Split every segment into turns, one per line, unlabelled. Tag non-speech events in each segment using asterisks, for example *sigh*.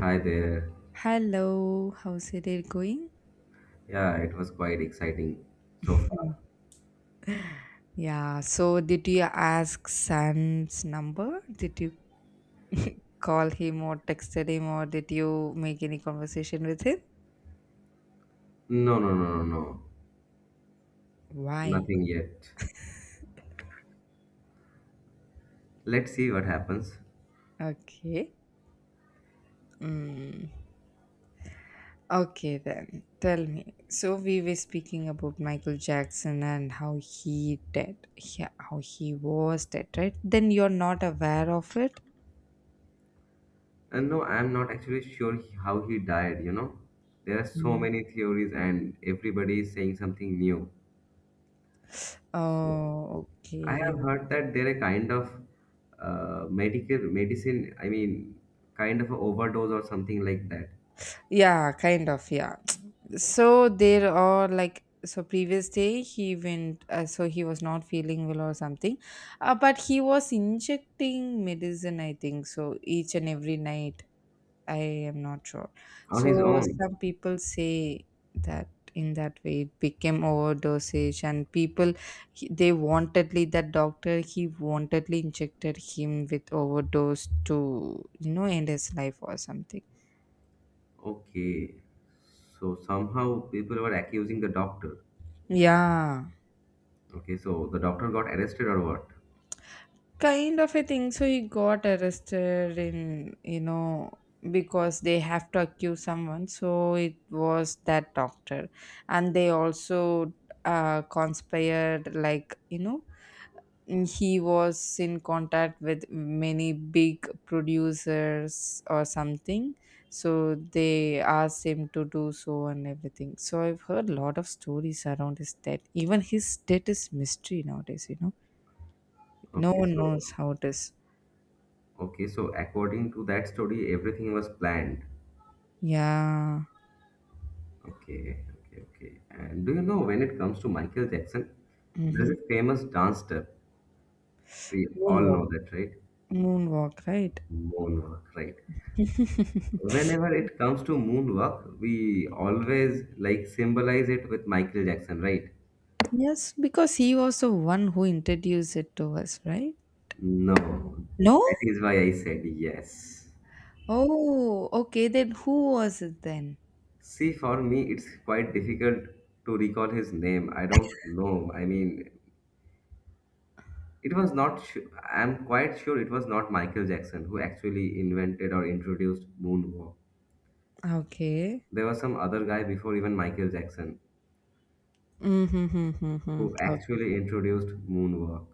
Hi there.
Hello, how's it day going?
Yeah, it was quite exciting so far.
Yeah, so did you ask San's number? Did you call him or texted him or did you make any conversation with him?
No, no, no, no, no.
Why?
Nothing yet. Let's see what happens.
Okay. Mm. Okay, then tell me. So we were speaking about Michael Jackson and how he dead, yeah, how he was dead, right? Then you're not aware of it.
And no, I'm not actually sure how he died, you know? There are so
Mm.
many theories and everybody is saying something new. So
Oh,
I have
okay.
heard that there are kind of medical medicine, I mean, kind of a overdose or something like that.
Yeah, kind of. Yeah. So there are like, so previous day he went, so he was not feeling well or something, but he was injecting medicine, I think so, each and every night. I am not sure.
On his
So
own.
some people say that in that way it became overdosage and people, they wantedly, that doctor, he wantedly injected him with overdose to, you know, end his life or something.
Okay. So somehow people were accusing the doctor.
Yeah,
Okay, so the doctor got arrested or what?
kind of a thing. So he got arrested in, you know, because they have to accuse someone, so it was that doctor. And they also conspired, like, you know, he was in contact with many big producers or something. So they asked him to do so and everything. So I've heard a lot of stories around his death. Even his death is mystery nowadays, no
Okay,
one
so
knows how it is.
okay, so according to that story, everything was planned.
Yeah.
Okay, okay, okay. And do you know, when it comes to Michael Jackson, there's
Mhm.
a famous dance step. We all
Moonwalk.
know that, right?
Moonwalk, right?
Moonwalk, right? Whenever
*laughs*
it comes to moonwalk, we always like symbolize it with Michael Jackson, right?
Yes, because he was the one who introduced it to us, right?
No,
No?
that is why I said yes.
Oh, okay. Then who was it then?
See, for me, it's quite difficult to recall his name. I don't know. I mean, it was not, I'm quite sure it was not Michael Jackson who actually invented or introduced moonwalk.
Okay.
There was some other guy before even Michael Jackson
Mm-hmm.
who
Okay.
actually introduced moonwalk.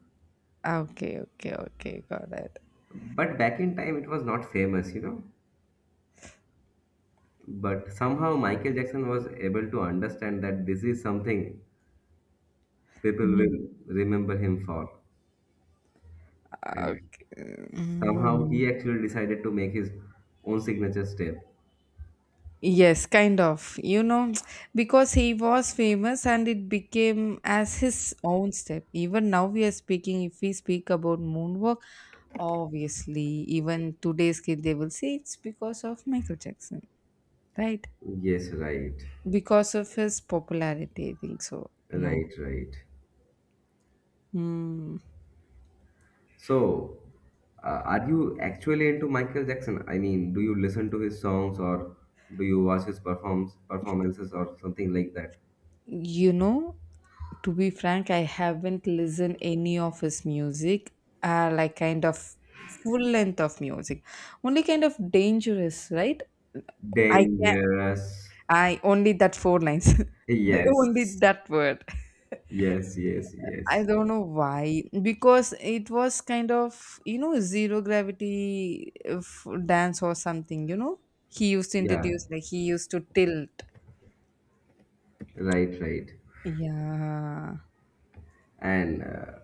Okay. Okay. Okay. Got it.
But back in time, it was not famous, But somehow Michael Jackson was able to understand that this is something people
Mhm.
will remember him for. And
Okay.
somehow
Mm.
he actually decided to make his own signature step.
Yes, kind of. You know, because he was famous and it became as his own step. Even now, we are speaking, if we speak about moonwalk, obviously, even today's kid, they will say it's because of Michael Jackson, right?
Yes, right.
Because of his popularity, I think so.
Right, right.
Hmm.
So, are you actually into Michael Jackson? I mean, do you listen to his songs or do you watch his performs performances or something like that?
You know, to be frank, I haven't listened any of his music, like kind of full length of music. Only kind of dangerous, right? I can
Dangerous.
I only that 4 lines. *laughs* The only
Yes.
that word.
Yes, yes,
I
yes.
don't know why, because it was kind of, you know, zero gravity dance or something, you know? He used to
Yeah,
introduce, like he used to tilt.
right, right.
Yeah.
And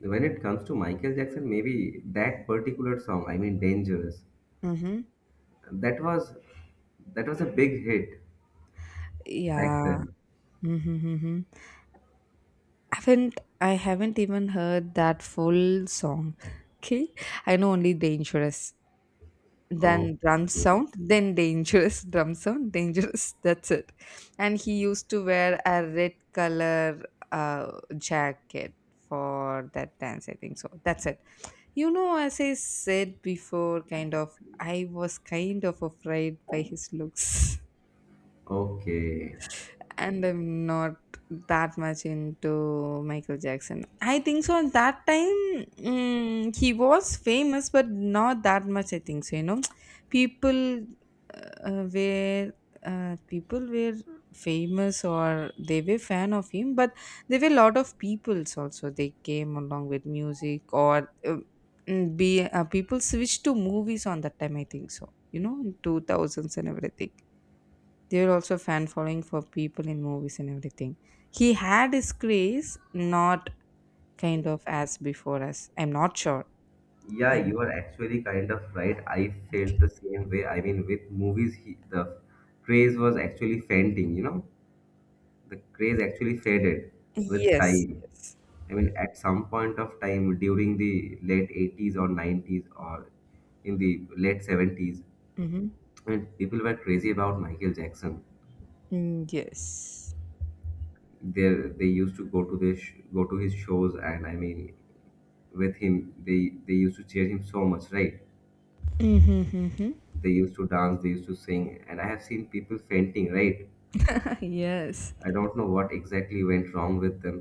when it comes to Michael Jackson, maybe that particular song, I mean, Dangerous,
Mm-hmm.
That was that was a big hit back
Yeah.
then.
Mm-hmm. I haven't even heard that full song. *laughs* Okay. I know only Dangerous. Than drum
Okay.
sound then dangerous, *laughs* drum sound dangerous, that's it. And he used to wear a red color uh, jacket for that dance, I think so, that's it. You know, as I said before, kind of I was kind of afraid by his looks. *laughs*
Okay.
And I'm not that much into Michael Jackson, I think so. At that time, he was famous, but not that much, I think so. You know, *tsk* people uh, uh, were people were famous, or they were fan of him, but there were a lot of peoples also. They came along with music, or mm, be people switched to movies on that time, I think so. You know, in two thousands and everything. They were also fan following for people in movies and everything. He had his craze, not kind of as before us. I'm not sure.
Yeah,
I'm,
you are actually kind of right. I felt the same way. I mean, with movies, the craze was actually fading, you know? The craze actually faded with
yes,
time.
yes.
I mean, at some point of time during the late 80s or 90s or in the late 70s,
Mm-hmm.
I mean, people were crazy about Michael Jackson.
Mm, yes.
they they used to go to his shows, and I mean with him they used to cheer him so much, right?
Mm-hmm. *laughs*
They used to dance, they used to sing, and I have seen people fainting, right?
Yes.
I don't know what exactly went wrong with them,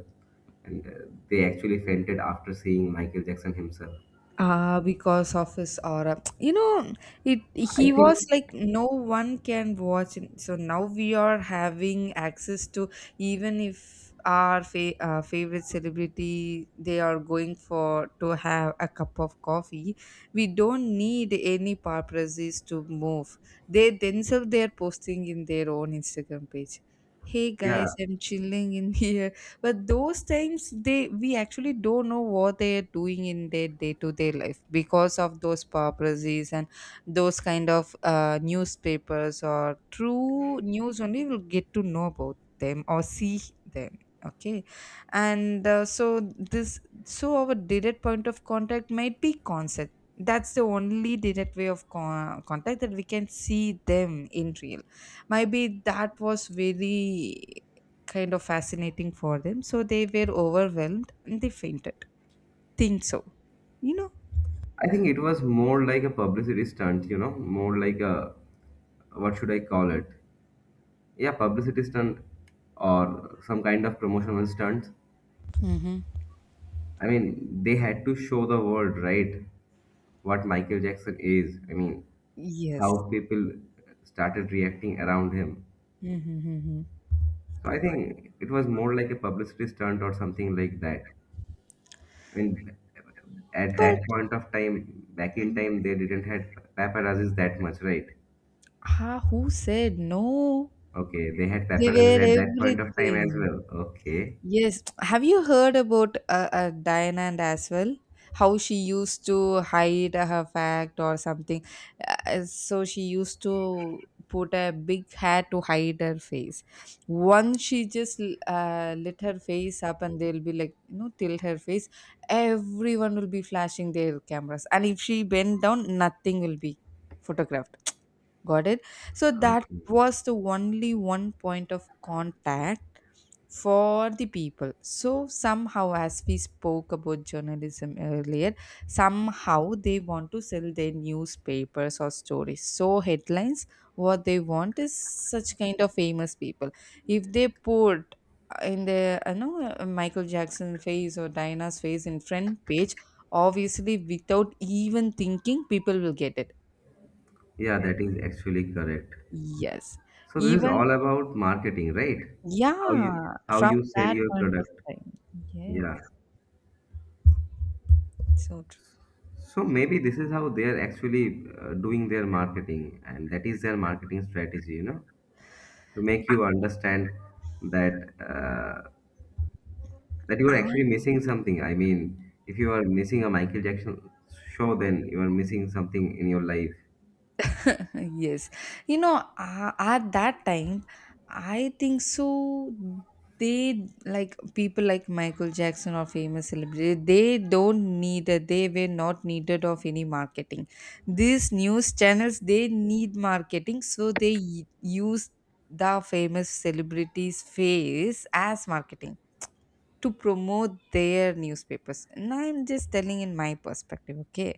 and they actually fainted after seeing Michael Jackson himself,
because of his aura. *tsk* You know, it
I
he
think.
was like no one can watch him. So now we are having access to, even if our favorite celebrity, they are going for to have a cup of coffee, we don't need any paparazzis to move. They themselves, they are posting in their own Instagram page, "Hey
Yeah,
guys, I'm chilling in *laughs* here." But those times, they we actually don't know what they are doing in their day-to-day life because of those paparazzi and those kind of newspapers or true news only will get to know about them or see them. Okay. And so this, so our direct point of contact might be concept, that's the only direct way of contact that we can see them in real. Maybe that was very kind of fascinating for them. So they were overwhelmed and they fainted. Think so. You know?
I think it was more like a publicity stunt, you know, more like a what should I call it, yeah, publicity stunt or some kind of promotional stunt.
Mm-hmm.
I mean, they had to show the world, right? What Michael Jackson is. I mean,
Yes.
how people started reacting around him.
Mm-hmm.
So I think it was more like a publicity stunt or something like that. I mean, at
But
that point of time, back in time, they didn't had paparazzis that much, right?
ah, who said no?
Okay, they had
They
paparazzis
were
at that point of time as
everything.
well. Okay.
Yes. Have you heard about Diana and as well? How she used to hide her fact or something. So she used to put a big hat to hide her face. Once she just lit her face up, and they'll be like, you know, tilt her face. Everyone will be flashing their cameras. And if she bent down, nothing will be photographed. Got it? So that
Okay.
was the only one point of contact for the people. So somehow, as we spoke about journalism earlier, somehow they want to sell their newspapers or stories, so headlines, what they want is such kind of famous people. If they put in the, you know, Michael Jackson face or Diana's face in front page, obviously without even thinking people will get it.
Yeah, that is actually correct.
Yes.
So this is
Even,
all about marketing, right? How you
yeah,
how
from
you sell
that
your
point of
product.
time, yes,
Yeah.
so
So maybe this is how they are actually doing their marketing, and that is their marketing strategy, you know, to make you understand that that you are actually
true.
missing something. I mean, if you are missing a Michael Jackson show, then you are missing something in your life.
*laughs* Yes. You know, at that time, I think so, they like people like Michael Jackson or famous celebrities, they don't need it. They were not needed of any marketing. These news channels, they need marketing, so they use the famous celebrities face as marketing to promote their newspapers. And I'm just telling in my perspective, okay?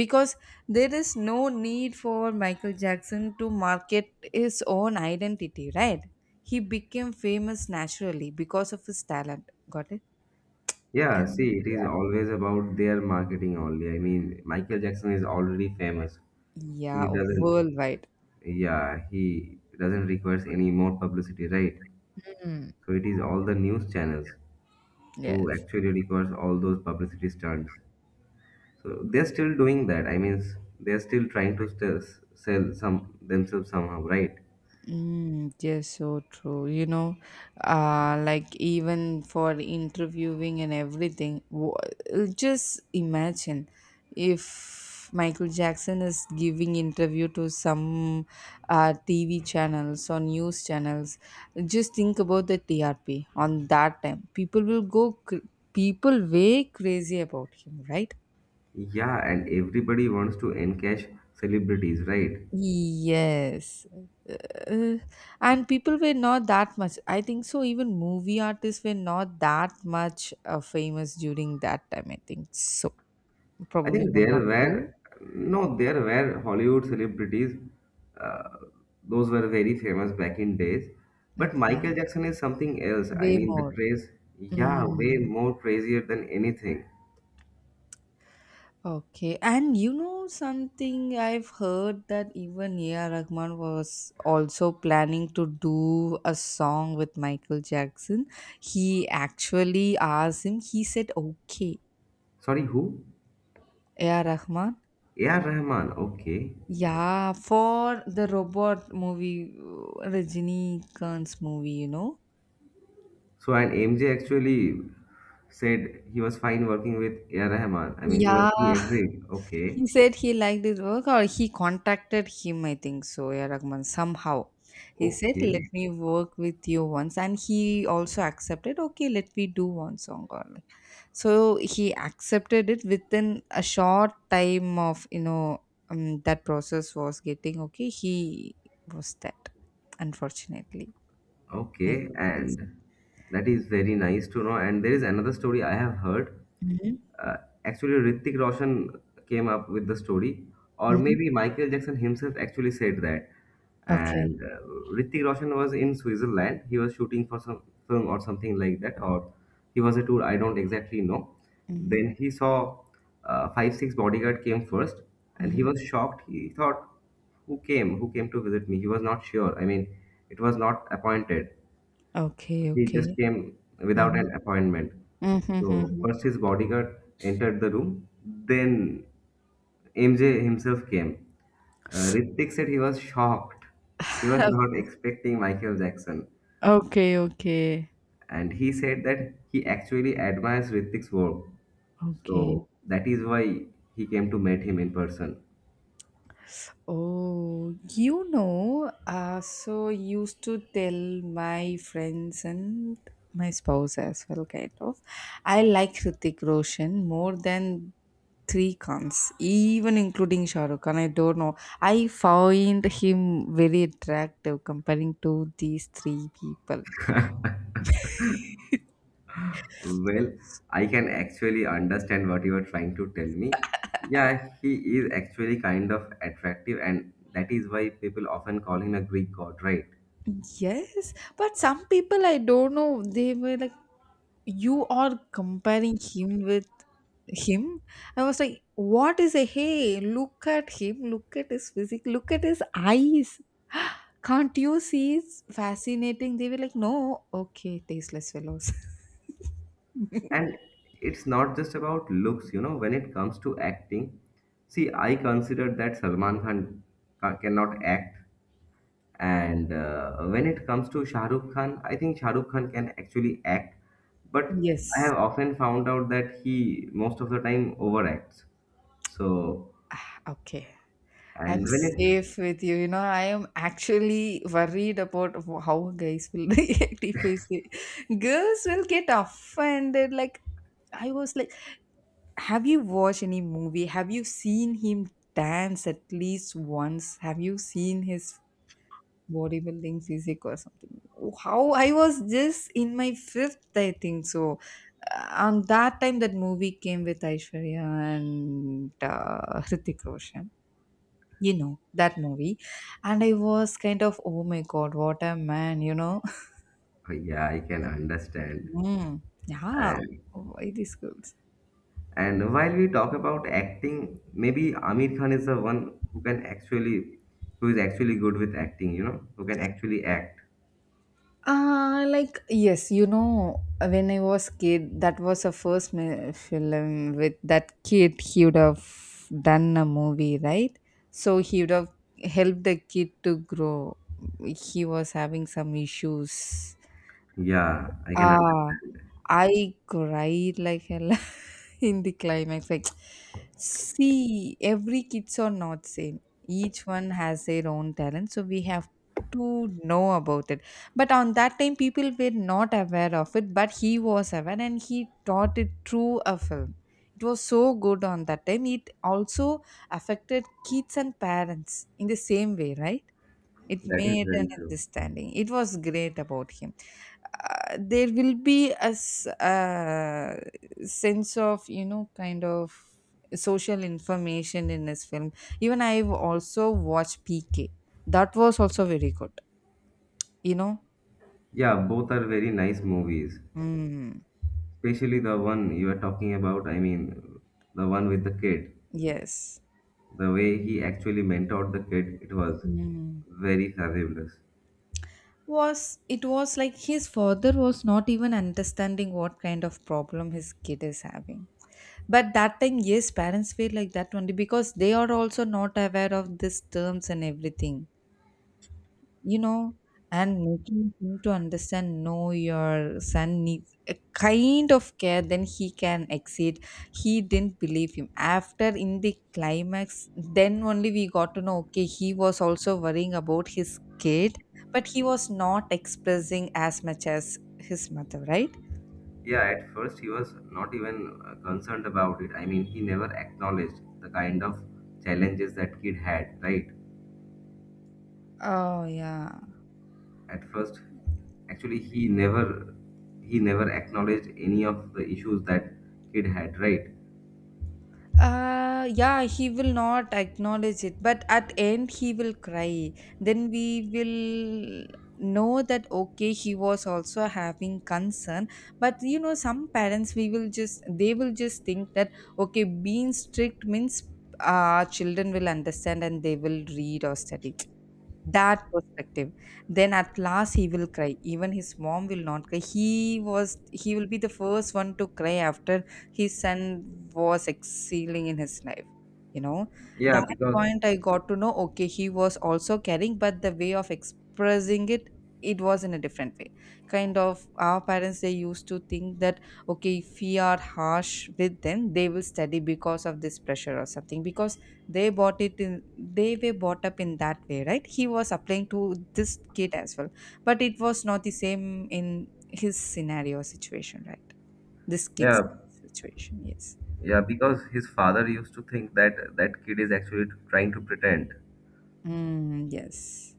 Because there is no need for Michael Jackson to market his own identity, right? He became famous naturally because of his talent. Got it?
Yeah,
Um,
see, it is always about their marketing only. I mean, Michael Jackson is already famous.
yeah,
He doesn't
worldwide.
yeah, he doesn't requires any more publicity, right?
Mm.
So it is all the news channels who
Yes.
actually requires all those publicity stunts. So they're still doing that, I mean, they're still trying to sell some themselves somehow, right?
Mm, yes, so true. You know, like even for interviewing and everything, just imagine if Michael Jackson is giving interview to some TV channels or news channels. Just think about the TRP on that time. People will go, people way crazy about him, right?
Yeah, and everybody wants to encash celebrities, right?
Yes. Uh, and people were not that much, I think so. Even movie artists were not that much famous during that time, I think so.
I
Probably
think
one
there
or two.
were no, there were Hollywood celebrities. Uh, those were very famous back in days. But
Okay.
Michael Jackson is something else. I
Way
mean, the
more.
craze, yeah, way
Mm.
more crazier than anything.
Okay. And you know something, I've heard that even A.R. Rahman was also planning to do a song with Michael Jackson. He actually asked him, he said, okay.
Sorry, who?
A.R. Rahman,
A.R. Rahman. Okay.
yeah, for the robot movie, Rajini Khan's movie, you know.
So, and MJ actually said he was fine working with A.R. Rahman. I mean,
Yeah,
he
*laughs*
agreed. Okay,
he said he liked his work, or he contacted him, I think so, yeah, Rahman, somehow. He said, "Let
okay,
me work with you once," and he also accepted, okay, let me do one song or like. So he accepted it within a short time of, you know, that process was getting okay. He was that, unfortunately,
okay,
Michael Jackson.
and that is very nice to know. And there is another story I have heard. Uh, actually, Hrithik Roshan came up with the story, or
Mhm.
maybe Michael Jackson himself actually said that.
Okay.
And Hrithik Roshan was in Switzerland. He was shooting for some film or something like that, or he was a tour. I don't exactly know.
Mhm.
Then he saw 5 6 bodyguard came first, and he
Mhm.
was shocked. He thought, "Who came? Who came to visit me?" He was not sure. I mean, it was not appointed. So
Okay,
he
okay.
just came without an
Mhm.
appointment.
Mhm,
So
mhm.
first his bodyguard entered the room, then MJ himself came. Ritwik said he was shocked. He was
*laughs*
not expecting Michael Jackson.
Okay, okay.
And he said that he actually admires Ritwik's work.
Okay.
So that is why he came to meet him in person.
Oh, you know, so used to tell my friends and my spouse as well, kind of. I like Hrithik Roshan more than three cons, even including Shah Rukh Khan. I don't know. I find him very attractive comparing to these three people.
*laughs* Well, I can actually understand what you are trying to tell me. Yeah, he is actually kind of attractive, and that is why people often call him a Greek god, right?
Yes, but some people, I don't know, they were like, you are comparing him with him. I was like, what is a hey? Look at him, look at his physique, look at his eyes. Can't you see it's fascinating? They were like, no, okay, tasteless fellows. *laughs*
And it's not just about looks, you know, when it comes to acting. See, I consider that Salman Khan cannot act, and when it comes to Shah Rukh Khan, I think Shah Rukh Khan can actually act, but I
Yes.
have often found out that he most of the time overacts. So
Ah, okay. I'm
and when it,
safe with you. You know, I am actually worried about how guys will *laughs* react if I say girls will get offended. Like, I was like, have you watched any movie? Have you seen him dance at least once? Have you seen his bodybuilding physique or something? How I was just in my fifth, I think so. On that time, that movie came with Aishwarya and Hrithik Roshan, you know, that movie. And I was kind of, oh my god, what a man, you know? *laughs*
oh, yeah, I can understand.
Mm, yeah.
And
Why these girls?
and while we talk about acting, maybe Amir Khan is the one who can actually, who is actually good with acting. You know, who can actually act.
Like, yes, you know, when I was kid, that was a film with that kid. He would have done a movie, right? So he would have helped the kid to grow. He was having some issues.
Yeah, I can
Ah,
understand.
I cried like hell *laughs* in the climax. Like, see, every kids are not same. Each one has their own talent, so we have to know about it. But on that time, people were not aware of it, but he was aware and he taught it through a film. It was so good on that time. It also affected kids and parents in the same way, right? It
That is
made an
very true.
understanding. It was great about him. There will be a s- uh, Sense of, you know, kind of social information in this film. Even I've also watched PK. That was also very good, you know.
Yeah, both are very nice movies.
Mm,
Especially the one you are talking about. I mean, the one with the kid.
yes.
The way he actually mentored the kid, it was
Mm.
very fabulous.
was It was like his father was not even understanding what kind of problem his kid is having. But that time, yes, parents feel like that only because they are also not aware of these terms and everything you know and making him to understand, no, your son needs a kind of care, then he can exceed. He didn't believe him after in the climax. Then only we got to know, okay, he was also worrying about his kid, but he was not expressing as much as his mother, right?
Yeah, at first he was not even concerned about it. I mean, he never acknowledged the kind of challenges that kid had, right?
Oh, yeah.
At first, actually, he never acknowledged any of the issues that kid had, right?
Yeah, he will not acknowledge it, but at end he will cry. Then we will know that, okay, he was also having concern. But some parents, we will just, they will just think that, okay, being strict means children will understand and they will read or study. That perspective. Then at last he will cry. Even his mom will not cry. He will be the first one to cry after his son was excelling in his life you know
Yeah,
that
because
point, I got to know, okay, he was also caring, but the way of expressing it, it was in a different way. Kind of, our parents, they used to think that, okay, if we are harsh with them, they will study because of this pressure or something, because they were bought up in that way, right? He was applying to this kid as well, but it was not the same in his scenario, situation, right? This kid's
yeah,
situation. Yes.
yeah, because his father used to think that that kid is actually trying to pretend.
Mm, yes.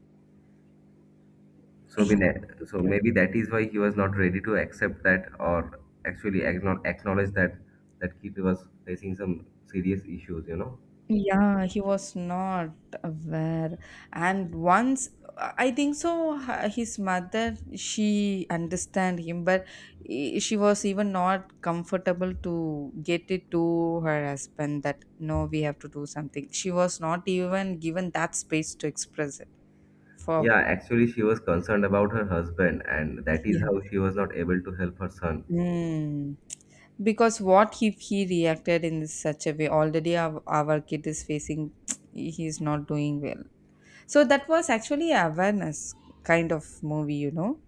So so
*laughs*
maybe that is why he was not ready to accept that or actually acknowledge that that kid was facing some serious issues, you know.
Yeah, he was not aware. And once, I think so, his mother, she understand him, but she was even not comfortable to get it to her husband that, no, we have to do something. She was not even given that space to express it for,
Yeah, actually, she was concerned about her husband, and that is
yeah.
how she was not able to help her son.
Mm. Because what if he reacted in such a way? Already, our kid is facing, *tsk* he is not doing well. So that was actually a awareness kind of movie.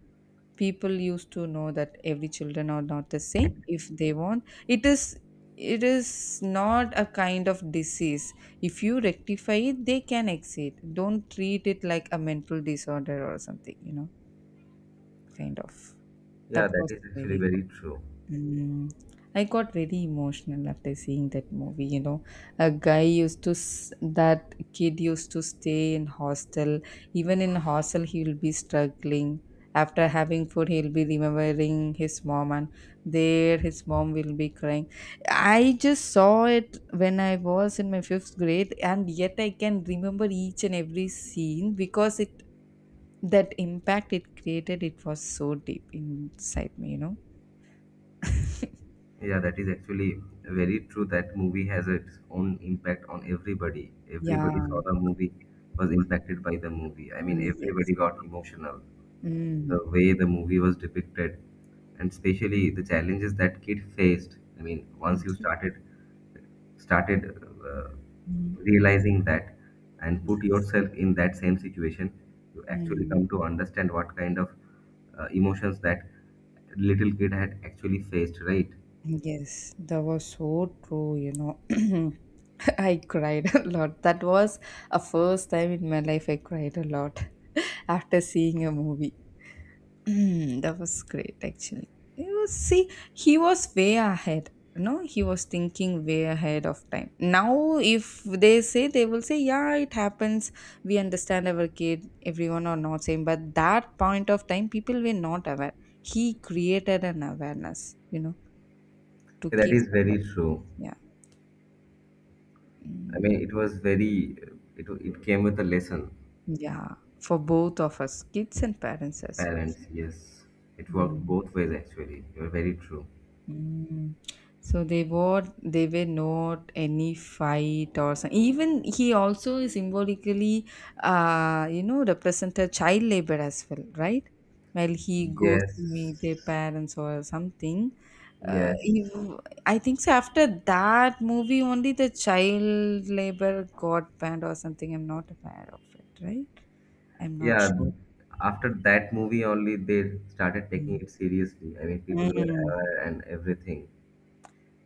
People used to know that every children are not the same. If they want, it is not a kind of disease. If you rectify it, they can exit. Don't treat it like a mental disorder or something, kind of.
Yeah,
That
that
was
is actually
very
very true.
Mm. I got very emotional after seeing that movie. A guy used to s- That kid used to stay in hostel. Even in hostel, he will be struggling. After having food, he'll be remembering his mom, and there his mom will be crying. I just saw it when I was in my fifth grade, and yet I can remember each and every scene, because it that impact it created, it was so deep inside me.
Yeah, that is actually very true. That movie has its own impact on everybody.
Yeah,
Everybody saw the movie, was impacted by the movie. I mean,
yes.
everybody got emotional.
Mm.
The way the movie was depicted, and especially the challenges that kid faced. I mean, once you
Thank you.
started
Mm.
realizing that and put
Yes.
yourself in that same situation, you actually
Mm.
come to understand what kind of emotions that little kid had actually faced, right?
Yes, that was so true. *clears throat* I cried a lot. That was a first time in my life I cried a lot *laughs* after seeing a movie. Mm, that was great, actually. It was See, he was way ahead. No, he was thinking way ahead of time. Now, if they say, they will say, "Yeah, it happens. We understand our kid. Everyone are not same." But that point of time, people were not aware. He created an awareness, to
That
kids
is
and all.
very true.
Yeah.
I
Mm,
mean, it was very, it came with a lesson.
yeah, for both of us, kids and parents as well.
Parents, yes. It worked
Mm.
both ways, actually. You're very true.
Mm. So they were not any fight or some, even he also symbolically represented child labor as well, right? While he goes to meet their
Yes,
parents or something. Uh,
yes.
if- I think so after that movie only the child labor got banned or something. I'm not aware of it, right? I'm not
Yeah,
sure.
after that movie only they started taking it seriously. I mean, people were
Mm.
aware and everything.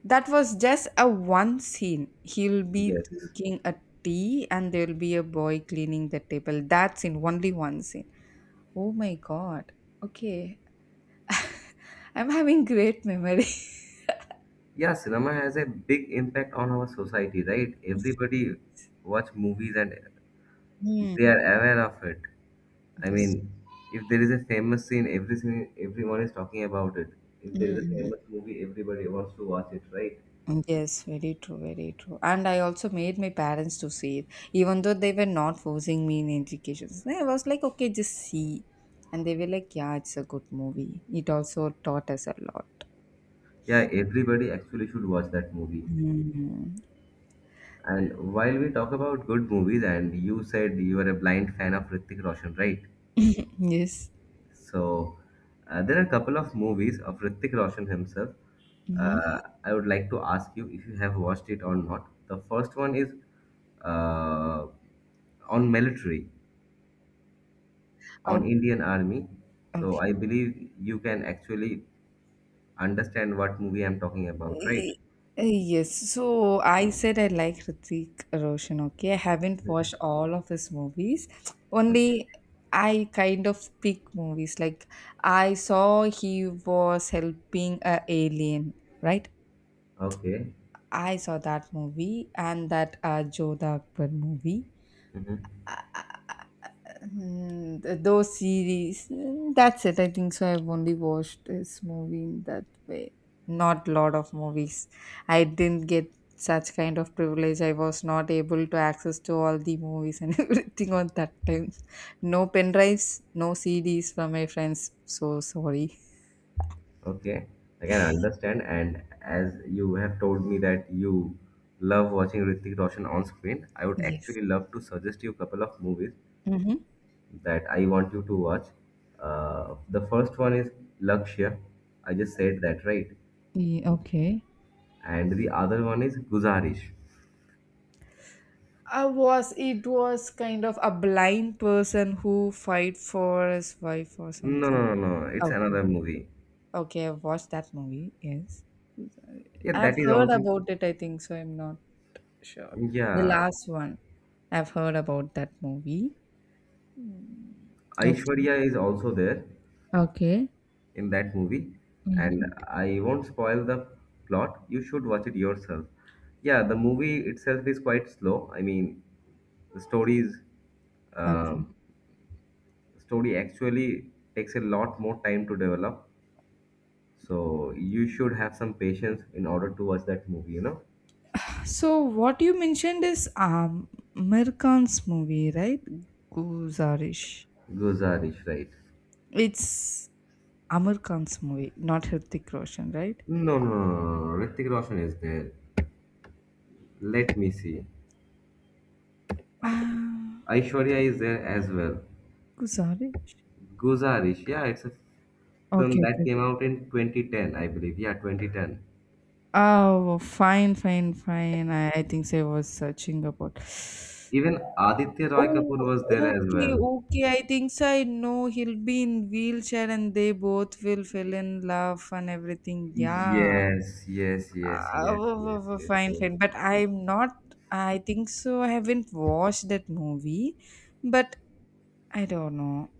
That was just a one scene. He'll be
Yes.
drinking a tea and there'll be a boy cleaning the table. That's in only one scene. Oh my god. Okay. I'm having great memory. *laughs*
Yeah, cinema has a big impact on our society, right? Everybody watch movies and
Mm,
they are aware of it. I
yes.
mean, if there is a famous scene, every scene, everyone is talking about it. If there is a
Mm,
famous movie, everybody wants to watch it, right?
mm. Yes, very true, very true. And I also made my parents to see it, even though they were not forcing me in education. So I was like, okay, just see. And they were like, yeah, it's a good movie. It also taught us a lot.
Yeah, everybody actually should watch that movie.
Mm.
And while we talk about good movies, and you said you are a blind fan of Hrithik Roshan, right?
Yes.
So there are a couple of movies of Hrithik Roshan himself.
Hmm.
I would like to ask you if you have watched it or not. The first one is uh, on military,
Oh,
on Indian Army. So I
okay.
believe you can actually understand what movie I'm talking about, right?
Y- Yes, so I said I like Hrithik Roshan. Okay, I haven't watched all of his movies.
Okay.
Only, I kind of pick movies. Like, I saw he was helping a alien, right?
Okay.
I saw that movie, and that Jodha Akbar movie.
Hmm.
Mm, those series. That's it. I think so I've only watched this movie in that way, not lot of movies. I didn't get such kind of privilege. I was not able to access to all the movies and *laughs* everything on that time. No pen drives, no cds from my friends, so sorry.
Okay, like, I can understand. And as you have told me that you love watching Hrithik Roshan on screen, I would
Yes.
actually love to suggest you a couple of movies
Mm-hmm.
that I want you to watch. The first one is Lakshya. I just said that, right?
Yeah, okay.
And the other one is Guzarish.
I was It was kind of a blind person who fight for his wife or
No,
something.
no, no, no. It's
okay
another movie.
Okay, I've watched that movie. Yes.
Yeah,
I've
that is
heard
also.
about it, I think, so I'm not sure. The
Yeah,
last one. I've heard about that movie. Okay.
Aishwarya is also there.
Okay.
In that movie,
Mhm.
and I won't spoil the plot, you should watch it yourself. Yeah, the movie itself is quite slow, I mean, the story is,
Okay.
um, story actually takes a lot more time to develop, so you should have some patience in order to watch that movie, you know.
So what you mentioned is American's movie, right? Guzarish.
Guzarish, right?
It's Amir Khan's movie, not Hrithik Roshan, right?
No, no, no, no, no, no, no. Hrithik Roshan is there. Let me see.
Ah,
Aishwarya is there as well.
Guzarish.
Guzarish, yeah, it's a film
Okay,
that
okay,
came
okay.
out in 2010, I believe. Yeah, 2010.
Oh, fine, fine, fine. I think so I was searching about.
Even Aditya Roy Kapoor
Oh,
was there as
okay,
well.
okay. I think so. I know he'll be in wheelchair, and they both will fell in love and everything. Yeah.
Yes, yes, yes, yes, yes, yes,
Fine,
yes.
fine. But I'm not, I think so, I haven't watched that movie, but I don't know.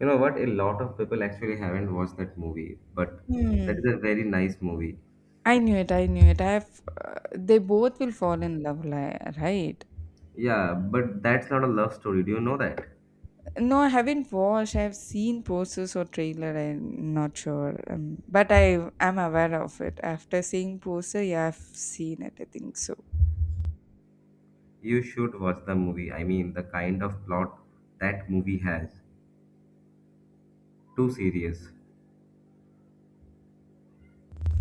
You know what? A lot of people actually haven't watched that movie, but that is
Hmm.
a very nice movie.
I knew it. I knew it. They both will fall in love, right?
Yeah, but that's not a love story. Do you know that?
No, I haven't watched. I've seen posters or trailer. I'm not sure, but I am aware of it. After seeing poster, yeah, I've seen it. I think so.
You should watch the movie. I mean, the kind of plot that movie has. Too serious.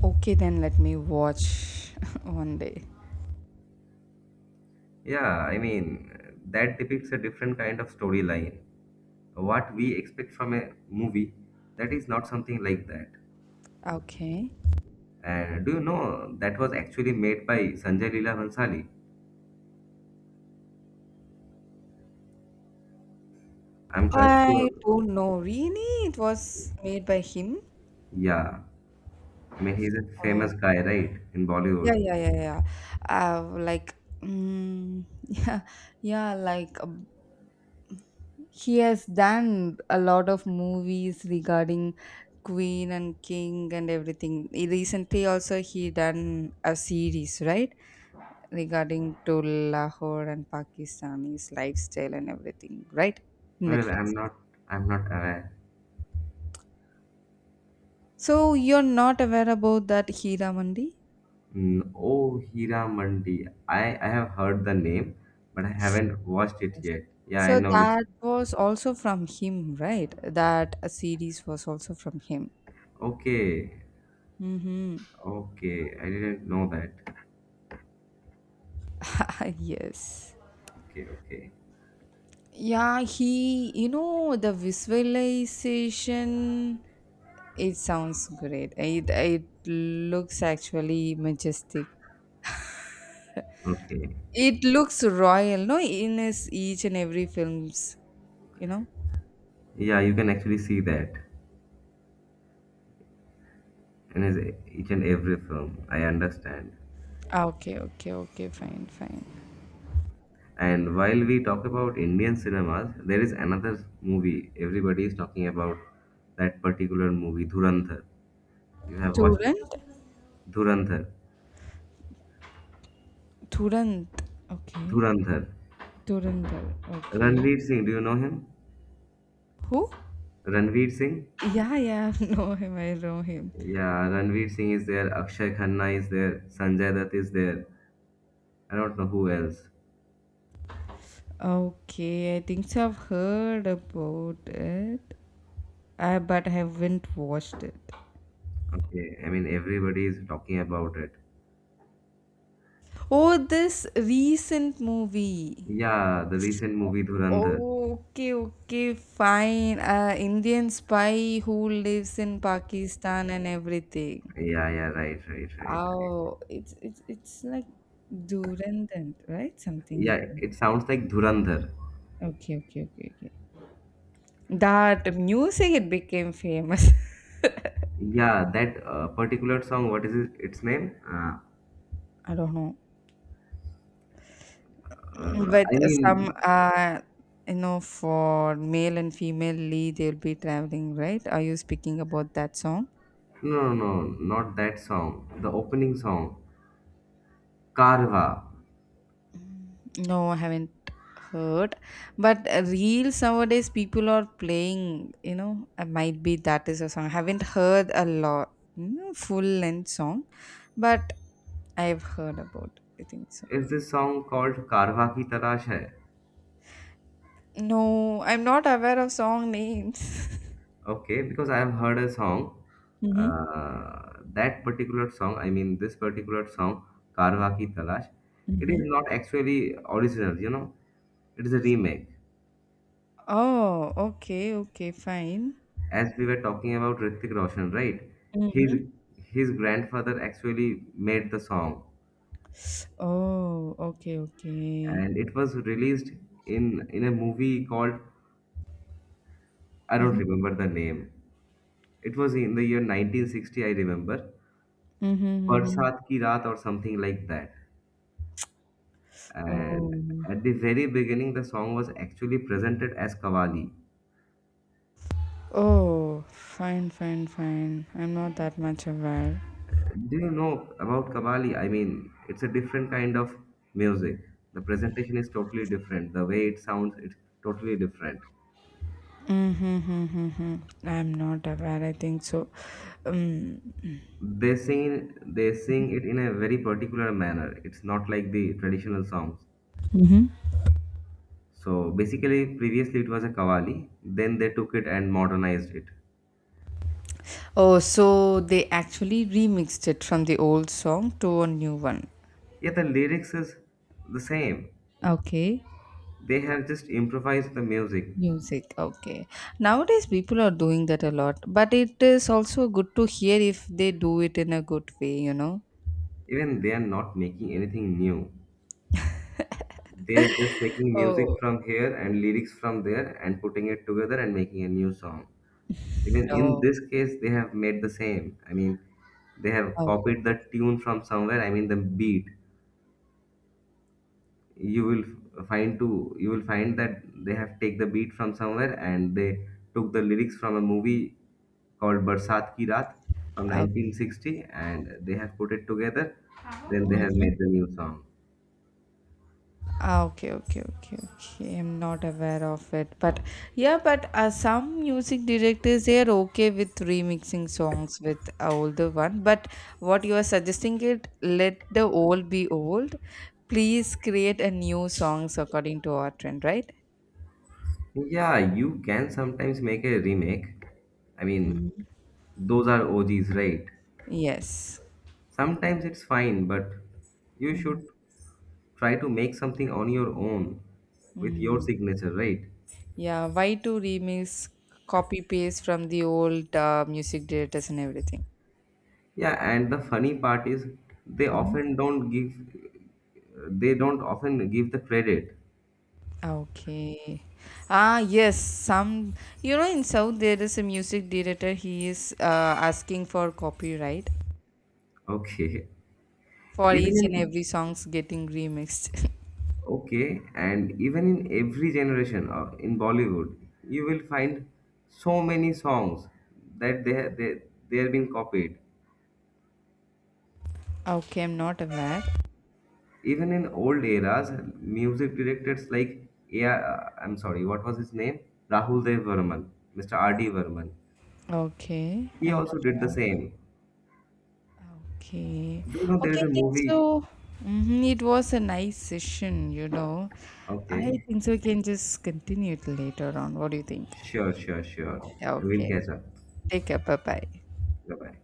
Okay, then let me watch *laughs* one day.
Yeah, I mean, that depicts a different kind of storyline. What we expect from a movie, that is not something like that.
Okay,
And do you know that was actually made by Sanjay Leela Bhansali? I'm quite sure.
I don't know. Really, it was made by him.
Yeah, I mean, he's a famous
Oh,
guy, right, in Bollywood.
yeah, yeah, yeah, yeah. Like, *laughs* yeah, yeah, like, he has done a lot of movies regarding queen and king and everything. He recently also he done a series, right, regarding to Lahore and Pakistani's lifestyle and everything, right?
Well, I'm
Netflix.
not, I'm not aware.
So you're not aware about that Mandi?
Mm, oh, Hira Mandi. I i have heard the name, but I haven't watched it yet. Yeah, I
So
know it's
that was also from him, right? That a series was also from him.
okay.
Mm-hmm.
Okay, I didn't know that.
*laughs* Yes.
Okay, okay,
Yeah, he, the visualization, it sounds great. It looks actually majestic.
okay.
It looks royal, no, in his each and every films, you know.
Yeah, you can actually see that in his each and every film. I understand.
Ah, okay, okay, okay, fine, fine.
And while we talk about Indian cinemas, there is another movie everybody is talking about, that particular movie, Dhurandhar. You have watched it?
Turant.
Dhurandhar.
Turant, okay.
Dhurandhar.
Turandal, okay.
Ranveer Singh, do you know him?
Who?
Ranveer Singh?
Yeah, yeah, *laughs* I know him.
Yeah, Ranveer Singh is there, Akshay Khanna is there, Sanjay Dutt is there. I don't know who else.
Okay, I think so. I've heard about it, but I haven't watched it.
Okay, I mean everybody is talking about it.
Oh, this recent movie.
Yeah, the recent movie Dhurandhar.
Okay, okay, fine. Indian spy who lives in Pakistan and everything.
Yeah, yeah, right, right, right, right.
Oh, it's like Durandant, right? Something.
Yeah, it sounds like Dhurandhar.
Okay, okay, okay, okay. That music, it became famous.
Yeah, that particular song, what is it, its name?
*laughs* I don't know, but
I
some
mean,
for male and female lead, they'll be traveling, right? Are you speaking about that song?
no, no, no, not that song. The opening song, Karwa.
No, I haven't heard. But reels nowadays people are playing, might be that is a song. I haven't heard a lot, full length song, but I've heard about it, I think so.
Is this song called Karwa Ki Tarash Hai?
No, I'm not aware of song names. *laughs*
Okay, because I have heard a song,
Mm-hmm.
that particular song, I mean, this particular song, Karwa Ki Tarash, it is
Mm-hmm.
not actually original, you know, it is a remake.
Oh, okay, okay, fine.
As we were talking about Hrithik Roshan, right? His
Mm-hmm.
grandfather actually made the song,
Oh, okay, okay.
and it was released in a movie called, I don't
Mm-hmm.
remember the name. It was in the year 1960, I remember,
Mm-hmm, mm-hmm.
Barsat Ki Raat or something like that. And
Oh.
at the very beginning, the song was actually presented as Kavali.
Oh, fine, fine, fine. I'm not that much aware.
Do you know about Kavali? I mean, it's a different kind of music. The presentation is totally different. The way it sounds, it's totally different.
Mm-hmm, hmm hmm. I'm not aware, I think so. Um,
They sing it in a very particular manner. It's not like the traditional songs.
hmm
So basically, previously it was a kawali. Then they took it and modernized it.
oh, so they actually remixed it from the old song to a new one.
Yeah, the lyrics is the same.
Okay.
They have just improvised the music.
Music, okay. Nowadays, people are doing that a lot, but it is also good to hear if they do it in a good way.
Even they are not making anything new. They're just
*laughs*
taking music
Oh,
from here and lyrics from there and putting it together and making a new song. Even in
oh,
this case, they have made the same. I mean, they have
oh,
copied the tune from somewhere, I mean the beat, you will f- find to you will find that they have take the beat from somewhere and they took the lyrics from a movie called Barsat Ki Raat from
okay.
1960, and they have put it together, then they have
Mm-hmm.
made the new song.
Ah, okay, okay, okay, okay. I'm not aware of it, but yeah, but some music directors, they are okay with remixing songs with a older one. But what you are suggesting, it, let the old be old. Please create a new songs according to our trend, right?
Yeah, you can sometimes make a remake. I mean,
Mhm.
those are OGs, right?
Yes.
Sometimes it's fine, but you
Mhm.
should try to make something on your own with your
Mhm.
signature, right?
Yeah. Why to remix, copy paste from the old music directors and everything?
Yeah, and the funny part is they often don't give they don't often give the credit. *laughs*
Okay. Ah, yes. Some, in South there is a music director. He is asking for copyright
Okay.
for
Even
each and
in,
every songs getting remixed. *laughs*
okay, and even in every generation or in Bollywood, you will find so many songs that they are being copied.
Okay, I'm not aware.
Even in old eras, music directors like, yeah, I'm sorry, what was his name? Rahul Dev Varman, Mr. R. D. Varman.
Okay,
He
I'm not
also did the
aware.
same.
Okay.
Do you know there
Okay,
is
I
a
think
movie?
so. Hmm. It was a nice session. I
Okay.
think so, we can just continue it later on. What do you think?
Sure, sure, sure. We'll
Okay.
catch up.
Take care. Bye bye.
Bye bye.